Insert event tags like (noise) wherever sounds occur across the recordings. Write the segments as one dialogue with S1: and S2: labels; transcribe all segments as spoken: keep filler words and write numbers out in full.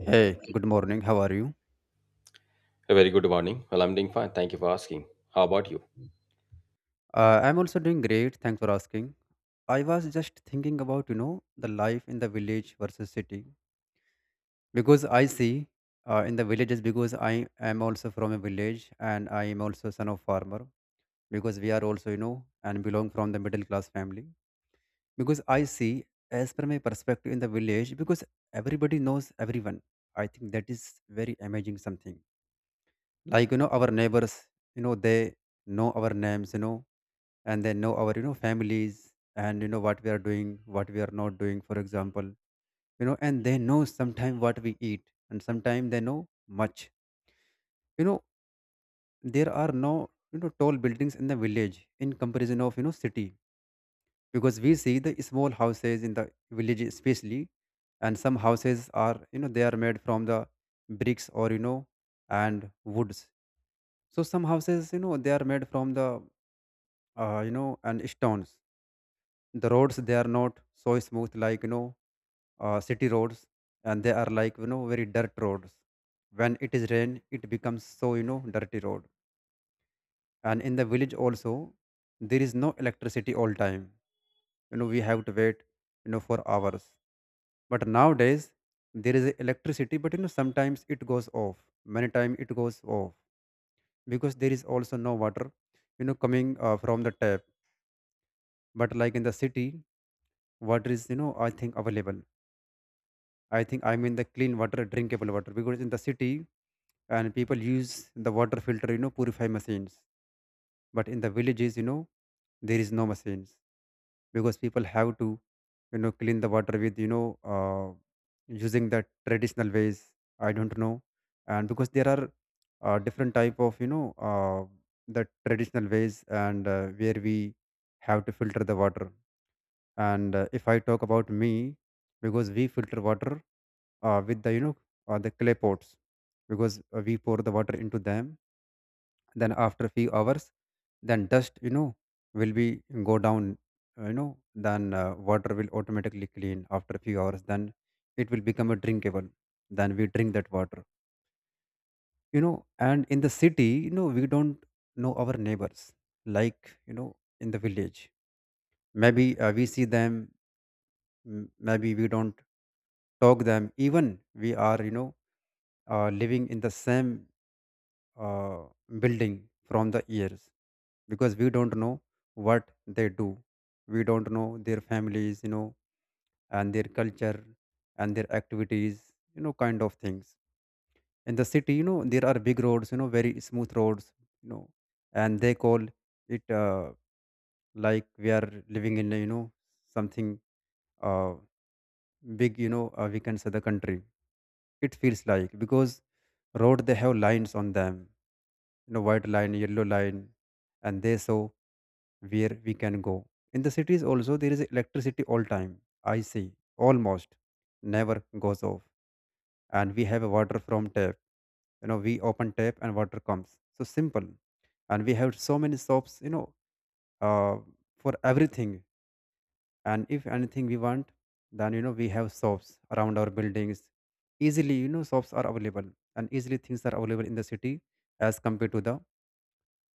S1: Hey, good morning. How are you?
S2: A very good morning. Well, I'm doing fine. Thank you for asking. How about you?
S1: Uh, I'm also doing great. Thanks for asking. I was just thinking about, you know, the life in the village versus city, because I see uh, in the villages, because I am also from a village and I am also son of farmer, because we are also, you know, and belong from the middle class family, because I see as per my perspective in the village, because everybody knows everyone. I think that is very amazing something, like you know our neighbors, you know they know our names, you know and they know our you know families, and you know what we are doing, what we are not doing, for example, you know and they know sometime what we eat, and sometime they know much, you know there are no, you know tall buildings in the village in comparison of, you know city, because we see the small houses in the village especially. And some houses are, you know they are made from the bricks, or, you know and woods. So some houses, you know they are made from the uh, you know, and stones. The roads, they are not so smooth, like you know uh, city roads, and they are, like you know very dirt roads. When it is rain, it becomes so, you know dirty road. And in the village also, there is no electricity all time. You know we have to wait, you know for hours. But nowadays there is electricity, but, you know sometimes it goes off. Many time it goes off because there is also no water, you know, coming uh, from the tap. But like in the city, water is, you know I think available. I think, I mean, the clean water, drinkable water, because in the city and people use the water filter, you know purify machines. But in the villages, you know there is no machines, because people have to, you know clean the water with, you know uh, using the traditional ways. I don't know. And because there are uh, different type of, you know uh, the traditional ways, and uh, where we have to filter the water. And uh, if I talk about me, because we filter water uh, with the, you know uh, the clay pots, because uh, we pour the water into them, then after a few hours, then dust, you know will be go down, uh, you know then uh, water will automatically clean after a few hours, then it will become a drinkable, then we drink that water. you know and in the city, you know we don't know our neighbors, like you know in the village. Maybe uh, we see them. M- maybe we don't talk them, even we are, you know uh, living in the same uh, building from the years, because we don't know what they do, we don't know their families, you know and their culture, and their activities, you know kind of things. In the city, you know there are big roads, you know very smooth roads, you know and they call it uh, like we are living in, you know something uh, big, you know uh, we can say the country, it feels like. Because road they have lines on them, you know white line, yellow line, and they show where we can go. In the cities also there is electricity all time, I see. Almost never goes off. And we have a water from tap. you know we open tap and water comes so simple. And we have so many shops, you know uh, for everything. And if anything we want, then, you know we have shops around our buildings easily. you know shops are available, and easily things are available in the city, as compared to the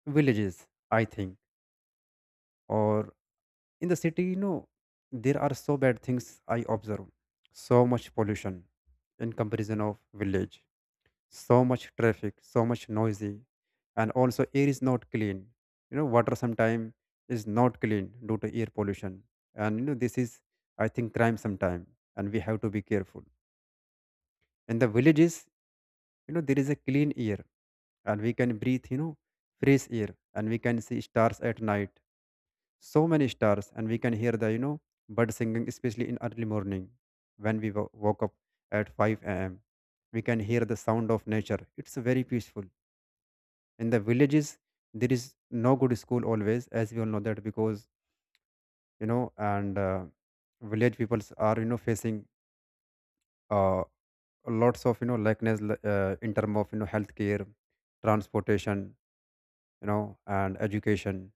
S1: villages, I think. Or in the city, you know there are so bad things I observe, so much pollution in comparison of village, so much traffic, so much noisy, and also air is not clean. you know water sometimes is not clean due to air pollution. And, you know this is, I think, crime sometime, and we have to be careful. In the villages, you know there is a clean air, and we can breathe, you know fresh air, and we can see stars at night, so many stars. And we can hear the, you know bird singing, especially in early morning when we wo- woke up at five a.m. We can hear the sound of nature. It's very peaceful. In the villages there is no good school always, as we all know that, because, you know and uh, village peoples are, you know facing uh, lots of, you know likeness, li- uh, in term of, you know healthcare, transportation, you know and education.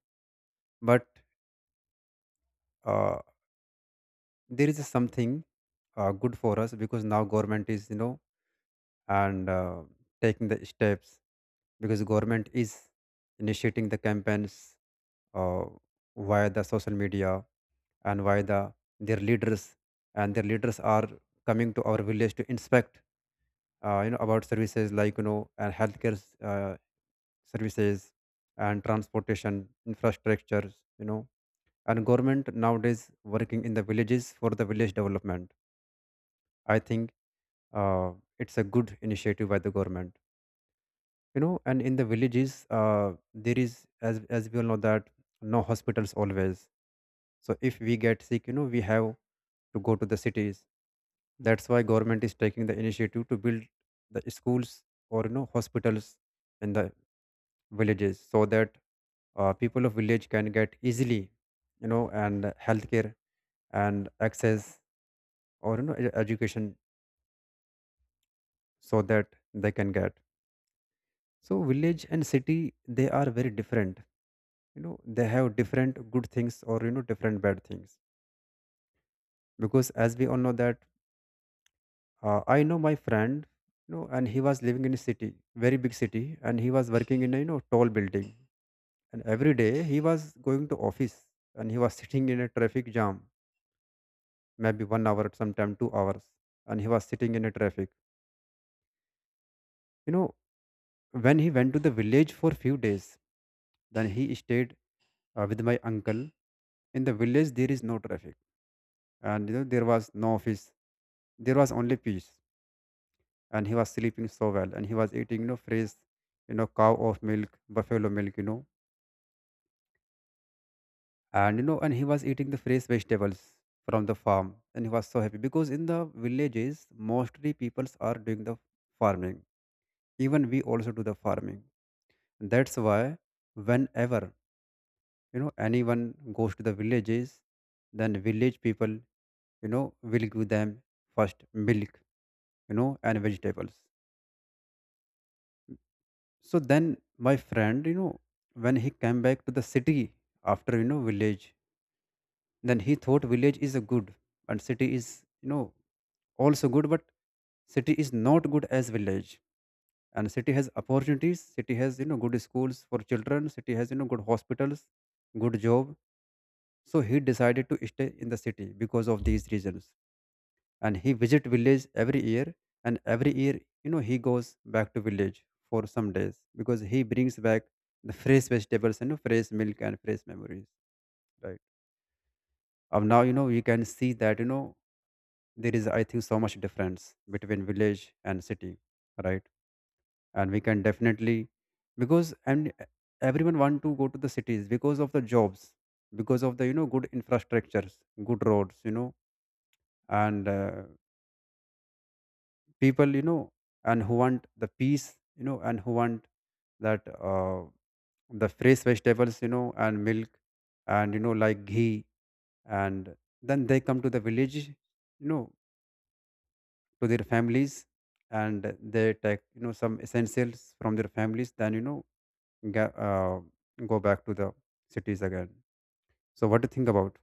S1: But uh, there is something uh, good for us, because now government is, you know and uh, taking the steps, because government is initiating the campaigns uh, via the social media, and via the their leaders. And their leaders are coming to our village to inspect, uh, you know about services like, you know and healthcare s- uh, services, and transportation infrastructures, you know and government nowadays working in the villages for the village development. I think uh, it's a good initiative by the government. you know and in the villages uh, there is, as as we all know that, no hospitals always. So if we get sick, you know we have to go to the cities. That's why government is taking the initiative to build the schools, or, you know hospitals in the villages, so that uh, people of village can get easily, you know and healthcare, and access, or, you know e- education, so that they can get. So village and city, they are very different. you know they have different good things, or, you know different bad things, because as we all know that. Uh, I know my friend, you know, and he was living in a city, very big city, and he was working in a, you know tall building. And every day he was going to office, and he was (laughs) sitting in a traffic jam, maybe one hour, sometime two hours, and he was sitting in a traffic. You know, when he went to the village for few days, then he stayed uh, with my uncle. In the village, there is no traffic, and, you know there was no office. There was only peace. And he was sleeping so well, and he was eating, you know fresh, you know cow of milk, buffalo milk, you know and you know and he was eating the fresh vegetables from the farm. And he was so happy, because in the villages mostly peoples are doing the farming. Even we also do the farming. That's why whenever, you know anyone goes to the villages, then village people, you know will give them first milk, you know and vegetables. So then my friend, you know, when he came back to the city after, you know, village, then he thought village is a good, and city is, you know, also good, but city is not good as village. And city has opportunities, city has, you know, good schools for children, city has, you know, good hospitals, good job. So he decided to stay in the city because of these reasons. And he visit village every year, and every year, you know he goes back to village for some days, because he brings back the fresh vegetables, and fresh milk, and fresh memories, right? Of now, you know you can see that, you know there is, I think, so much difference between village and city, right? And we can definitely, because, and everyone want to go to the cities because of the jobs, because of the, you know good infrastructures, good roads, you know and uh, people, you know and who want the peace, you know and who want that uh, the fresh vegetables, you know and milk, and, you know like ghee, and then they come to the village, you know to their families. And they take, you know some essentials from their families, then, you know ga- uh, go back to the cities again. So what do you think about?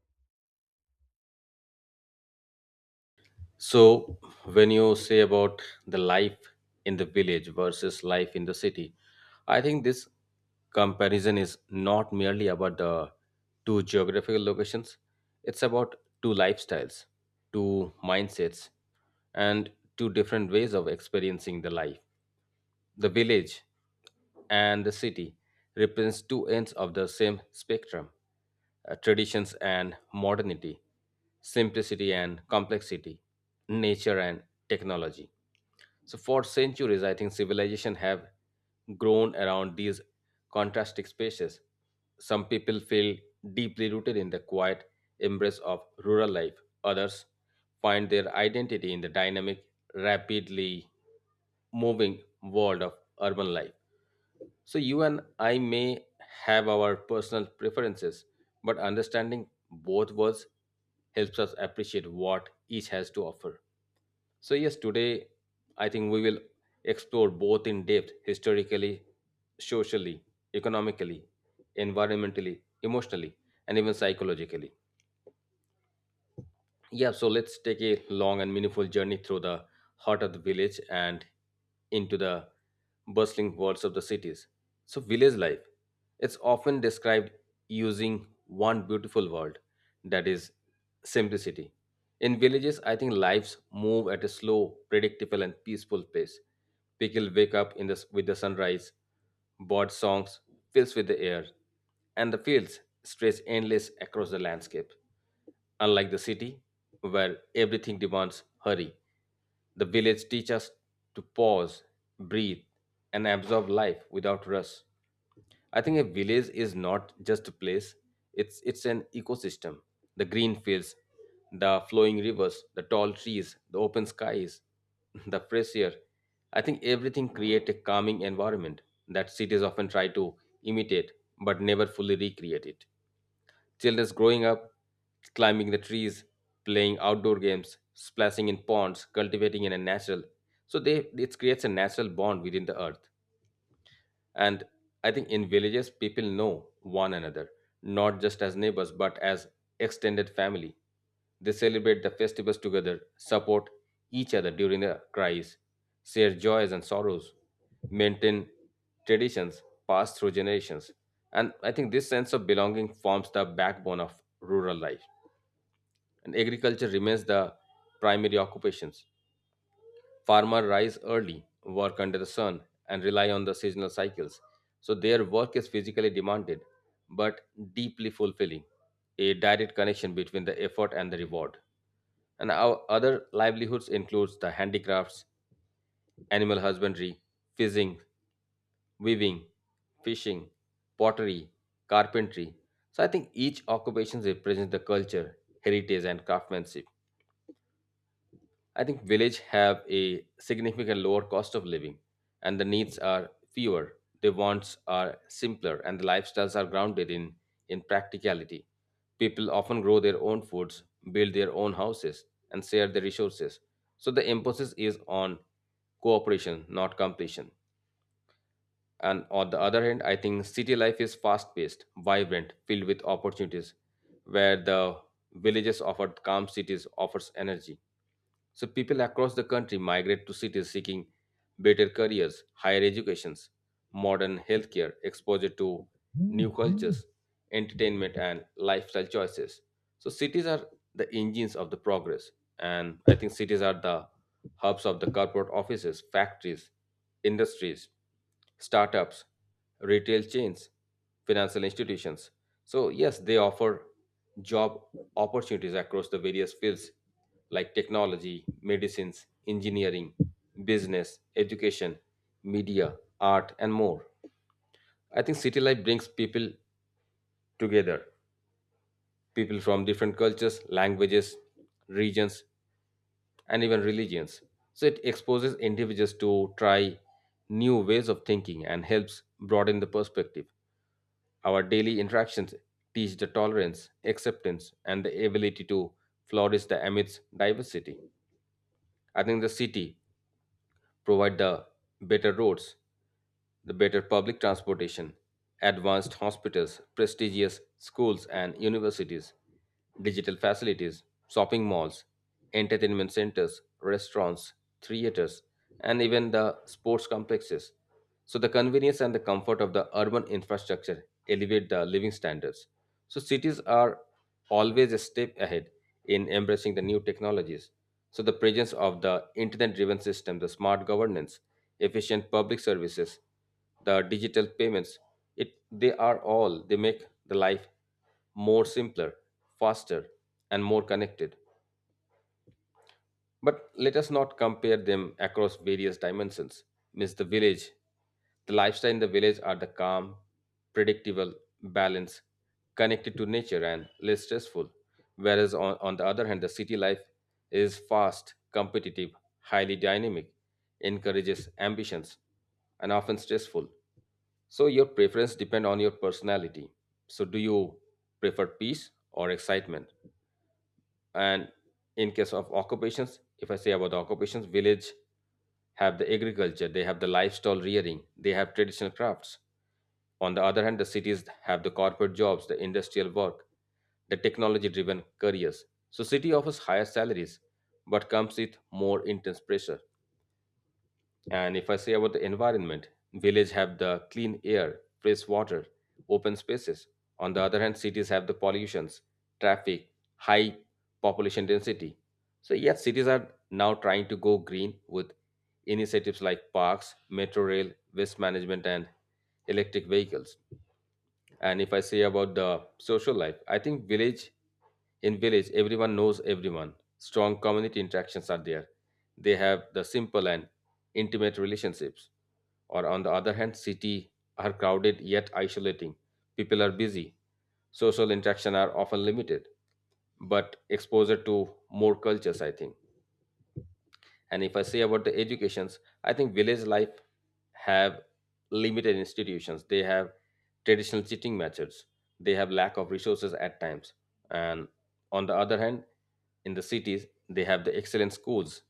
S2: So, when you say about the life in the village versus life in the city, I think this comparison is not merely about the two geographical locations, it's about two lifestyles, two mindsets, and two different ways of experiencing the life. The village and the city represents two ends of the same spectrum, uh, traditions and modernity, simplicity and complexity, nature and technology. So, for centuries, I think civilization have grown around these contrasting spaces. Some people feel deeply rooted in the quiet embrace of rural life, others find their identity in the dynamic, rapidly moving world of urban life. So, you and I may have our personal preferences, but understanding both worlds helps us appreciate what each has to offer. So, yes, today I think we will explore both in depth historically, socially, economically, environmentally, emotionally, and even psychologically. Yeah, so let's take a long and meaningful journey through the heart of the village and into the bustling worlds of the cities. So, village life, it's often described using one beautiful word, that is simplicity. In villages, I think lives move at a slow, predictable, and peaceful pace. People wake up in the, s- with the sunrise, bird songs fills with the air, and the fields stretch endless across the landscape. Unlike the city, where everything demands hurry, the village teaches us to pause, breathe, and absorb life without rush. I think a village is not just a place, it's, it's an ecosystem. The green fields, the flowing rivers, the tall trees, the open skies, (laughs) the fresh air. I think everything creates a calming environment that cities often try to imitate but never fully recreate it. Children growing up, climbing the trees, playing outdoor games, splashing in ponds, cultivating in a natural. So they, it creates a natural bond within the earth. And I think in villages, people know one another, not just as neighbors, but as extended family. They celebrate the festivals together, support each other during the cries, share joys and sorrows, maintain traditions passed through generations. And I think this sense of belonging forms the backbone of rural life. And agriculture remains the primary occupations. Farmers rise early, work under the sun, and rely on the seasonal cycles. So their work is physically demanded, but deeply fulfilling, a direct connection between the effort and the reward. And our other livelihoods includes the handicrafts, animal husbandry, fishing, weaving, fishing, pottery, carpentry. So I think each occupation represents the culture, heritage, and craftsmanship. I think village have a significant lower cost of living and the needs are fewer. The wants are simpler and the lifestyles are grounded in, in practicality. People often grow their own foods, build their own houses, and share their resources. So the emphasis is on cooperation, not completion. And on the other hand, I think city life is fast paced, vibrant, filled with opportunities, where the villages offer calm, cities offers energy. So people across the country migrate to cities seeking better careers, higher educations, modern healthcare, exposure to new cultures, entertainment and lifestyle choices. So cities are the engines of the progress, and I think cities are the hubs of the corporate offices, factories, industries, startups, retail chains, financial institutions. So yes, they offer job opportunities across the various fields like technology, medicines, engineering, business, education, media, art and more. I think city life brings people together, people from different cultures, languages, regions, and even religions. So it exposes individuals to try new ways of thinking and helps broaden the perspective. Our daily interactions teach the tolerance, acceptance, and the ability to flourish the amidst diversity. I think the city provide the better roads, the better public transportation, advanced hospitals, prestigious schools and universities, digital facilities, shopping malls, entertainment centers, restaurants, theaters, and even the sports complexes. So the convenience and the comfort of the urban infrastructure elevate the living standards. So cities are always a step ahead in embracing the new technologies. So, the presence of the internet driven system, the smart governance, efficient public services, the digital payments, it, they are all, they make the life more simpler, faster, and more connected. But let us not compare them across various dimensions. Miss the village. The lifestyle in the village are the calm, predictable, balanced, connected to nature and less stressful. Whereas on, on the other hand, the city life is fast, competitive, highly dynamic, encourages ambitions, and often stressful. So your preference depend on your personality. So do you prefer peace or excitement? And in case of occupations, if I say about the occupations, village have the agriculture, they have the livestock rearing, they have traditional crafts. On the other hand, the cities have the corporate jobs, the industrial work, the technology driven careers. So city offers higher salaries but comes with more intense pressure. And if I say about the environment, village have the clean air, fresh water, open spaces. On the other hand, cities have the pollutions, traffic, high population density. So yes, cities are now trying to go green with initiatives like parks, metro rail, waste management, and electric vehicles. And if I say about the social life, I think village, in village everyone knows everyone. Strong community interactions are there. They have the simple and intimate relationships. Or on the other hand, cities are crowded yet isolating, people are busy, social interaction are often limited, but exposure to more cultures, I think. And if I say about the educations, I think village life have limited institutions, they have traditional teaching methods, they have lack of resources at times. And on the other hand, in the cities, they have the excellent schools,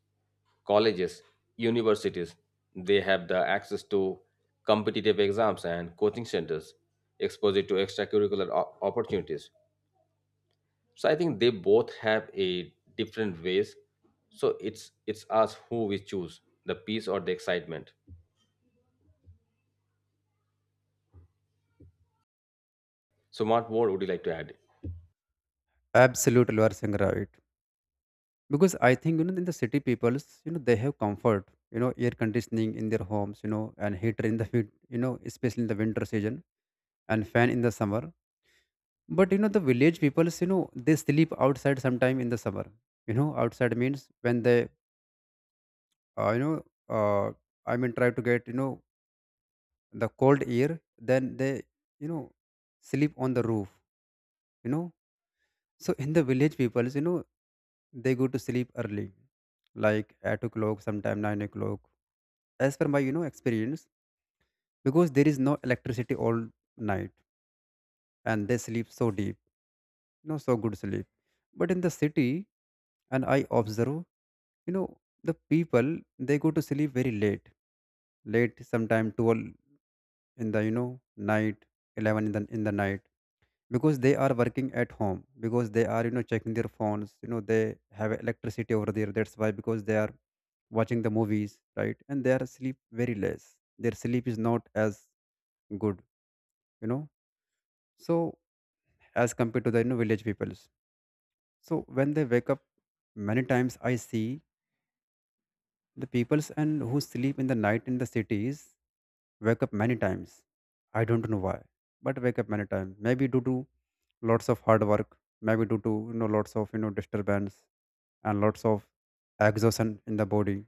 S2: colleges, universities, they have the access to competitive exams and coaching centers, exposure to extracurricular o- opportunities. So I think they both have a different ways. So it's it's us who we choose, the peace or the excitement. So what more would you like to add?
S1: Absolutely, you are saying right. Because I think, you know in the city peoples, you know they have comfort, you know air conditioning in their homes, you know and heater in the (laughs) heat, you know especially in the winter season, and fan in the summer. But, you know the village peoples, you know they sleep outside sometime in the summer. you know outside means when they uh, you know uh, I mean try to get, you know the cold air, then they, you know sleep on the roof, you know So in the village peoples, you know, they go to sleep early, like eight o'clock, sometime nine o'clock. As per my, you know, experience, because there is no electricity all night and they sleep so deep, you know, so good sleep. But in the city, and I observe, you know, the people they go to sleep very late. Late sometime twelve in the you know night, eleven in the in the night, because they are working at home, because they are, you know, checking their phones, you know, they have electricity over there, that's why, because they are watching the movies, right, and they are sleep very less. Their sleep is not as good, you know, so as compared to the, you know, village peoples. So when they wake up, many times I see the peoples and who sleep in the night in the cities wake up many times. I don't know why, but wake up many times. Maybe due to lots of hard work, maybe due to you know lots of you know disturbance and lots of exhaustion in the body,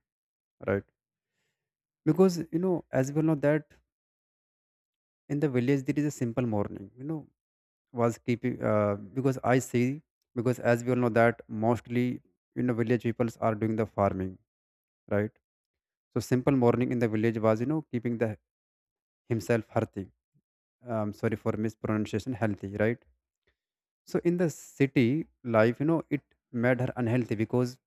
S1: right? Because you know, as well know that in the village there is a simple morning. You know, was keeping uh, because I see, because as we all know that mostly, you know, village peoples are doing the farming, right? So simple morning in the village was, you know, keeping the himself Harthi. Um, sorry for mispronunciation, healthy, right? So in the city life, you know, it made her unhealthy because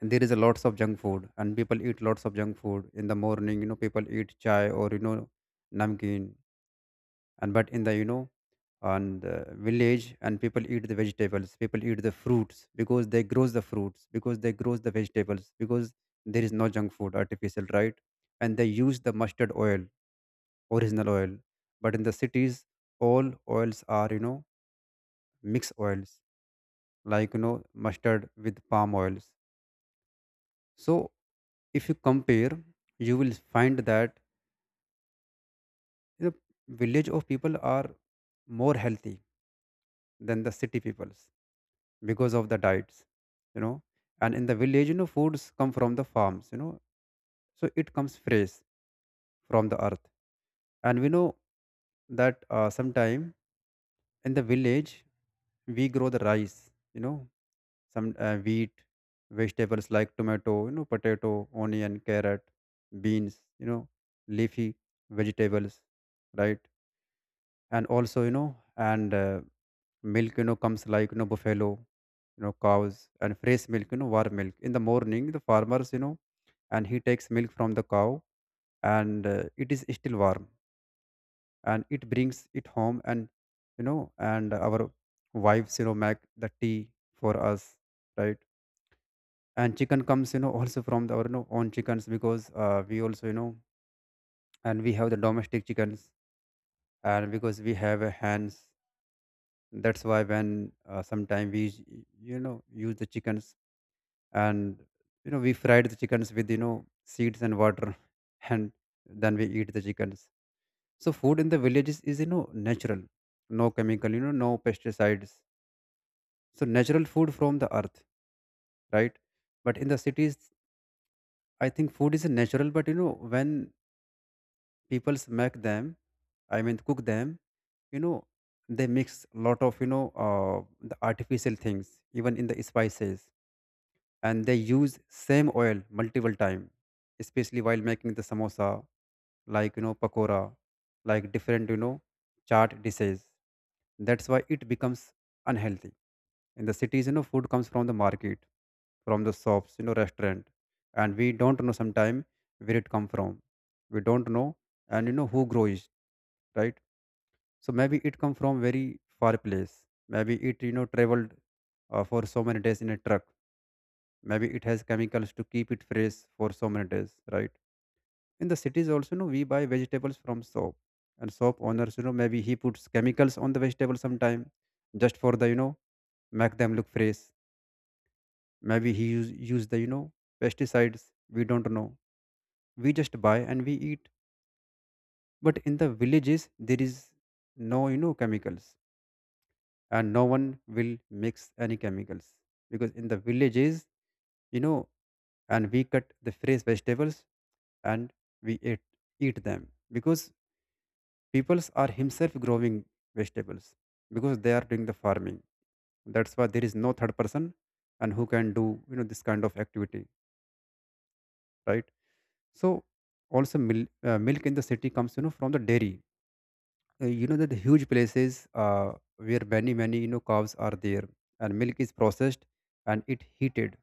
S1: there is a lots of junk food and people eat lots of junk food in the morning. You know, people eat chai or, you know, namkeen, and but in the, you know, on the village and people eat the vegetables, people eat the fruits because they grows the fruits, because they grows the vegetables, because there is no junk food artificial, right? And they use the mustard oil, original oil, but in the cities all oils are, you know, mixed oils, like, you know, mustard with palm oils. So if you compare, you will find that the village of people are more healthy than the city peoples because of the diets, you know. And in the village, you know, foods come from the farms, you know, so it comes fresh from the earth. And we know that uh, sometime in the village we grow the rice, you know, some uh, wheat, vegetables like tomato, you know, potato, onion, carrot, beans, you know, leafy vegetables, right? And also, you know, and uh, milk, you know, comes like, you know, buffalo, you know, cows, and fresh milk, you know, warm milk. In the morning, the farmers, you know, and he takes milk from the cow, and uh, it is still warm, and it brings it home, and, you know, and our wives, you know, make the tea for us, right? And chicken comes, you know, also from the, our, you know, own chickens, because uh, we also, you know, and we have the domestic chickens, and because we have uh, hands, that's why when uh, sometime we use- you know, use the chickens, and, you know, we fried the chickens with, you know, seeds and water (laughs) and then we eat the chickens. So food in the villages is, you know, natural, no chemical, you know, no pesticides. So natural food from the earth, right? But in the cities, I think food is natural, but you know when people smack them, I mean cook them, you know, they mix lot of, you know, uh, the artificial things, even in the spices. And they use same oil multiple time, especially while making the samosa, like, you know, pakora, like different, you know, chaat dishes. That's why it becomes unhealthy. In the cities, you know, food comes from the market, from the shops, you know, restaurant. And we don't know sometime where it come from, we don't know, and, you know, who grows, right? So maybe it come from very far place, maybe it, you know, traveled uh, for so many days in a truck, maybe it has chemicals to keep it fresh for so many days, right? In the cities also, you know, we buy vegetables from shop, and shop owners, you know, maybe he puts chemicals on the vegetable sometime, just for the, you know, make them look fresh. Maybe he use, use the, you know, pesticides, we don't know, we just buy and we eat. But in the villages there is no, you know, chemicals, and no one will mix any chemicals, because in the villages, you know, and we cut the fresh vegetables, and we eat, eat them, because peoples are himself growing vegetables, because they are doing the farming, that's why there is no third person and who can do, you know, this kind of activity, right? So also mil- uh, milk in the city comes, you know, from the dairy, uh, you know that the huge places, uh, where many many, you know, cows are there, and milk is processed, and it heated,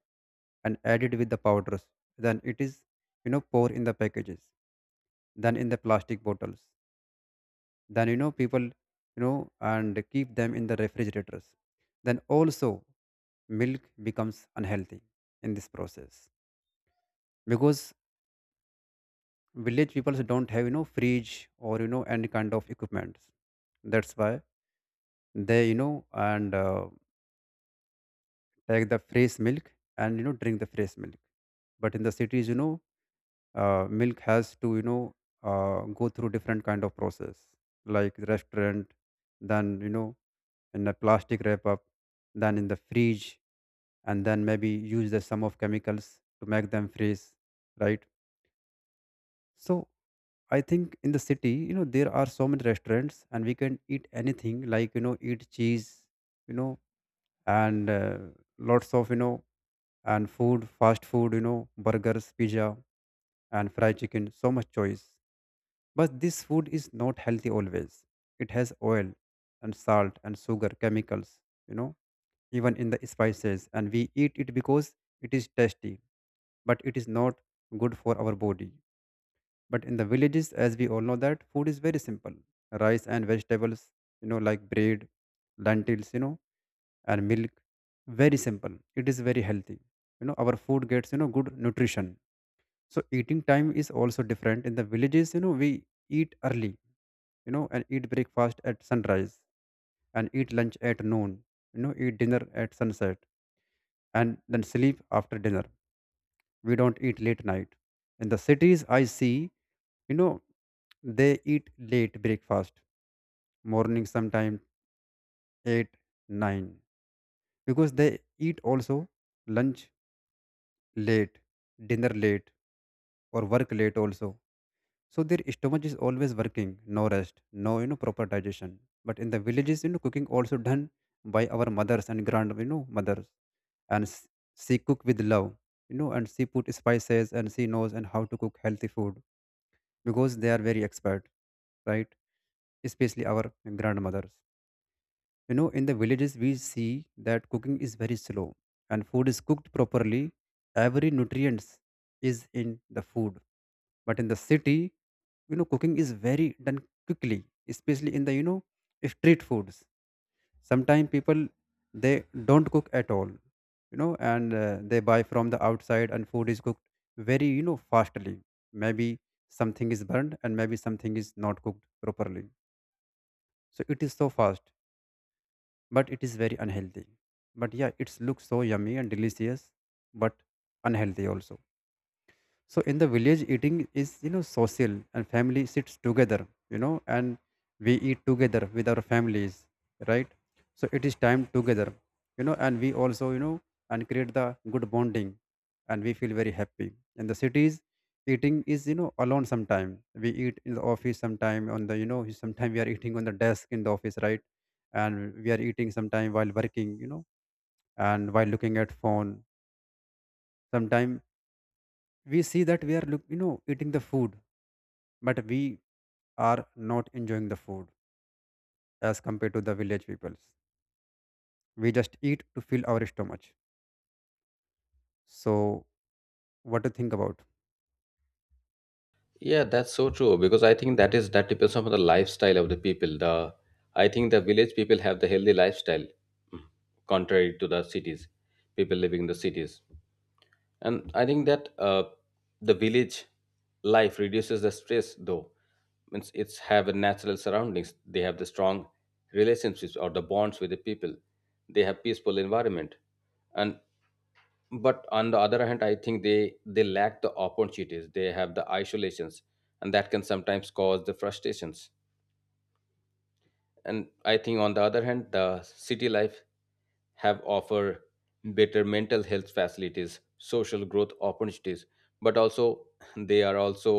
S1: and added with the powders, then it is, you know, pour in the packages, then in the plastic bottles, then, you know, people, you know, and keep them in the refrigerators. Then also milk becomes unhealthy in this process, because village people don't have, you know, fridge or, you know, any kind of equipment. That's why they, you know, and uh, take the fresh milk, and, you know, drink the fresh milk. But in the cities, you know, uh, milk has to, you know, uh, go through different kind of process, like the restaurant, then, you know, in a plastic wrap up, then in the fridge, and then maybe use the sum of chemicals to make them freeze, right? So I think in the city, you know, there are so many restaurants and we can eat anything, like, you know, eat cheese, you know, and uh, lots of, you know, and food, fast food, you know, burgers, pizza, and fried chicken, so much choice. But this food is not healthy always. It has oil and salt and sugar, chemicals, you know, even in the spices. And we eat it because it is tasty, but it is not good for our body. But in the villages, as we all know that food is very simple. Rice and vegetables, you know, like bread, lentils, you know, and milk. Very simple. It is very healthy. You know, our food gets, you know, good nutrition. So eating time is also different. In the villages, you know, we eat early, you know, and eat breakfast at sunrise, and eat lunch at noon, you know, eat dinner at sunset, and then sleep after dinner. We don't eat late night. In the cities I see, you know, they eat late breakfast, morning sometime eight nine because they eat also lunch late, dinner late, or work late also. So their stomach is always working, no rest, no, you know, proper digestion. But in the villages, you know, cooking also done by our mothers and grand, you know, mothers, and s- she cook with love, you know, and she put spices, and she knows and how to cook healthy food, because they are very expert, right? Especially our grandmothers. You know, in the villages, we see that cooking is very slow and food is cooked properly. Every nutrients is in the food. But in the city, you know, cooking is very done quickly, especially in the, you know, street foods. Sometimes people, they don't cook at all, you know, and uh, they buy from the outside and food is cooked very, you know, fastly. Maybe something is burned and maybe something is not cooked properly. So it is so fast but it is very unhealthy. But yeah, it looks so yummy and delicious, but unhealthy also. So in the village, eating is, you know, social, and family sits together, you know, and we eat together with our families, right? So it is time together, you know, and we also, you know, and create the good bonding, and we feel very happy. In the cities, eating is, you know, alone sometime. We eat in the office sometime on the, you know, sometime we are eating on the desk in the office, right? And we are eating sometime while working, you know, and while looking at phone. Sometime we see that we are look, you know, eating the food, but we are not enjoying the food as compared to the village peoples. We just eat to fill our stomach. So, what do you think about?
S2: Yeah, that's so true because I think that is that depends on the lifestyle of the people. The I think the village people have the healthy lifestyle, mm, contrary to the cities, people living in the cities. And I think that uh, the village life reduces the stress though, means it's have a natural surroundings, they have the strong relationships or the bonds with the people, they have peaceful environment. And but on the other hand, I think they they lack the opportunities, they have the isolations, and that can sometimes cause the frustrations. And I think on the other hand, the city life have offer better mental health facilities, social growth opportunities, but also they are also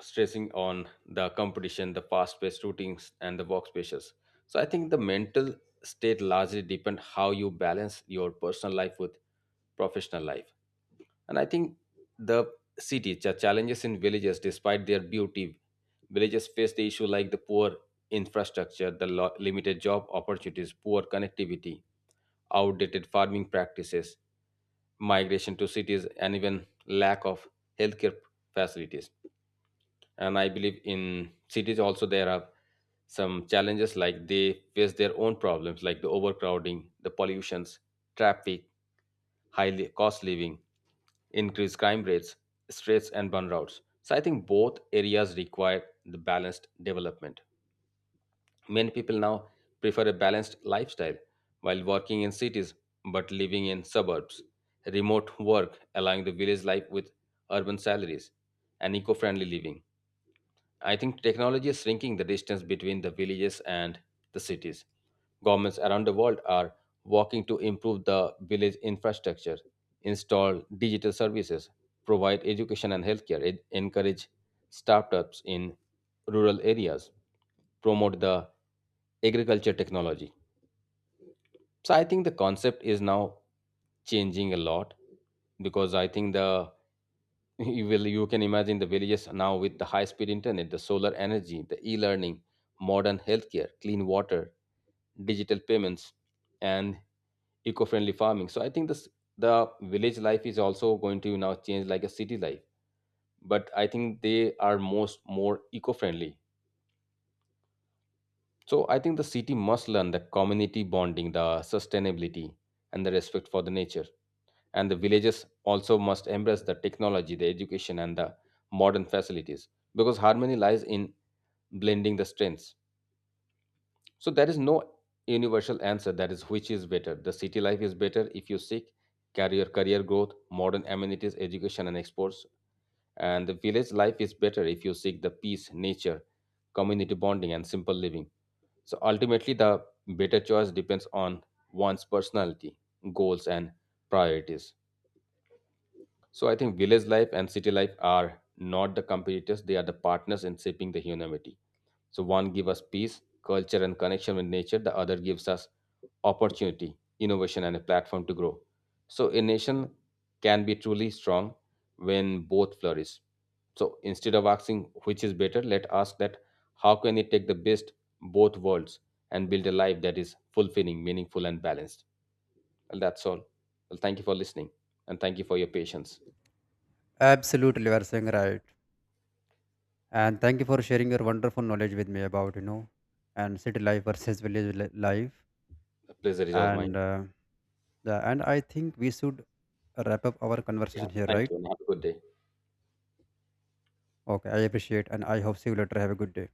S2: stressing on the competition, the fast paced routines and the workspaces. So I think the mental state largely depend how you balance your personal life with professional life. And I think the cities, the challenges in villages despite their beauty, villages face the issue like the poor infrastructure, the lo- limited job opportunities, poor connectivity, outdated farming practices, migration to cities, and even lack of healthcare facilities. And I believe in cities also there are some challenges like they face their own problems like the overcrowding, the pollutions, traffic, high li- cost living, increased crime rates, stress and burnouts. So I think both areas require the balanced development. Many people now prefer a balanced lifestyle while working in cities but living in suburbs. Remote work allowing the village life with urban salaries and eco friendly living. I think technology is shrinking the distance between the villages and the cities. Governments around the world are working to improve the village infrastructure, install digital services, provide education and healthcare, en- encourage startups in rural areas, promote the agriculture technology. So I think the concept is now changing a lot because I think the (laughs) you will you can imagine the villages now with the high speed internet, the solar energy, the e-learning, modern healthcare, clean water, digital payments, and eco-friendly farming. So I think this the village life is also going to now change like a city life, but I think they are most more eco-friendly. So I think the city must learn the community bonding, the sustainability, and the respect for the nature. And the villages also must embrace the technology, the education, and the modern facilities because harmony lies in blending the strengths. So there is no universal answer that is which is better. The city life is better if you seek career, career growth, modern amenities, education, and exports, and the village life is better if you seek the peace, nature, community bonding, and simple living. So ultimately, the better choice depends on one's personality, goals, and priorities. So I think village life and city life are not the competitors, they are the partners in shaping the humanity. So one gives us peace, culture and connection with nature, the other gives us opportunity, innovation and a platform to grow. So a nation can be truly strong when both flourish. So instead of asking which is better, let ask that how can it take the best both worlds and build a life that is fulfilling, meaningful and balanced. Well, that's all. Well, thank you for listening and thank you for your patience.
S1: Absolutely, you are saying right. And thank you for sharing your wonderful knowledge with me about, you know, and city life versus village li- life.
S2: Pleasure is all
S1: And
S2: mine.
S1: uh, yeah, and I think we should wrap up our
S2: Yeah.
S1: conversation here,
S2: Thank
S1: right?
S2: you and have a good day.
S1: Okay, I appreciate, and I hope see you later. Have a good day.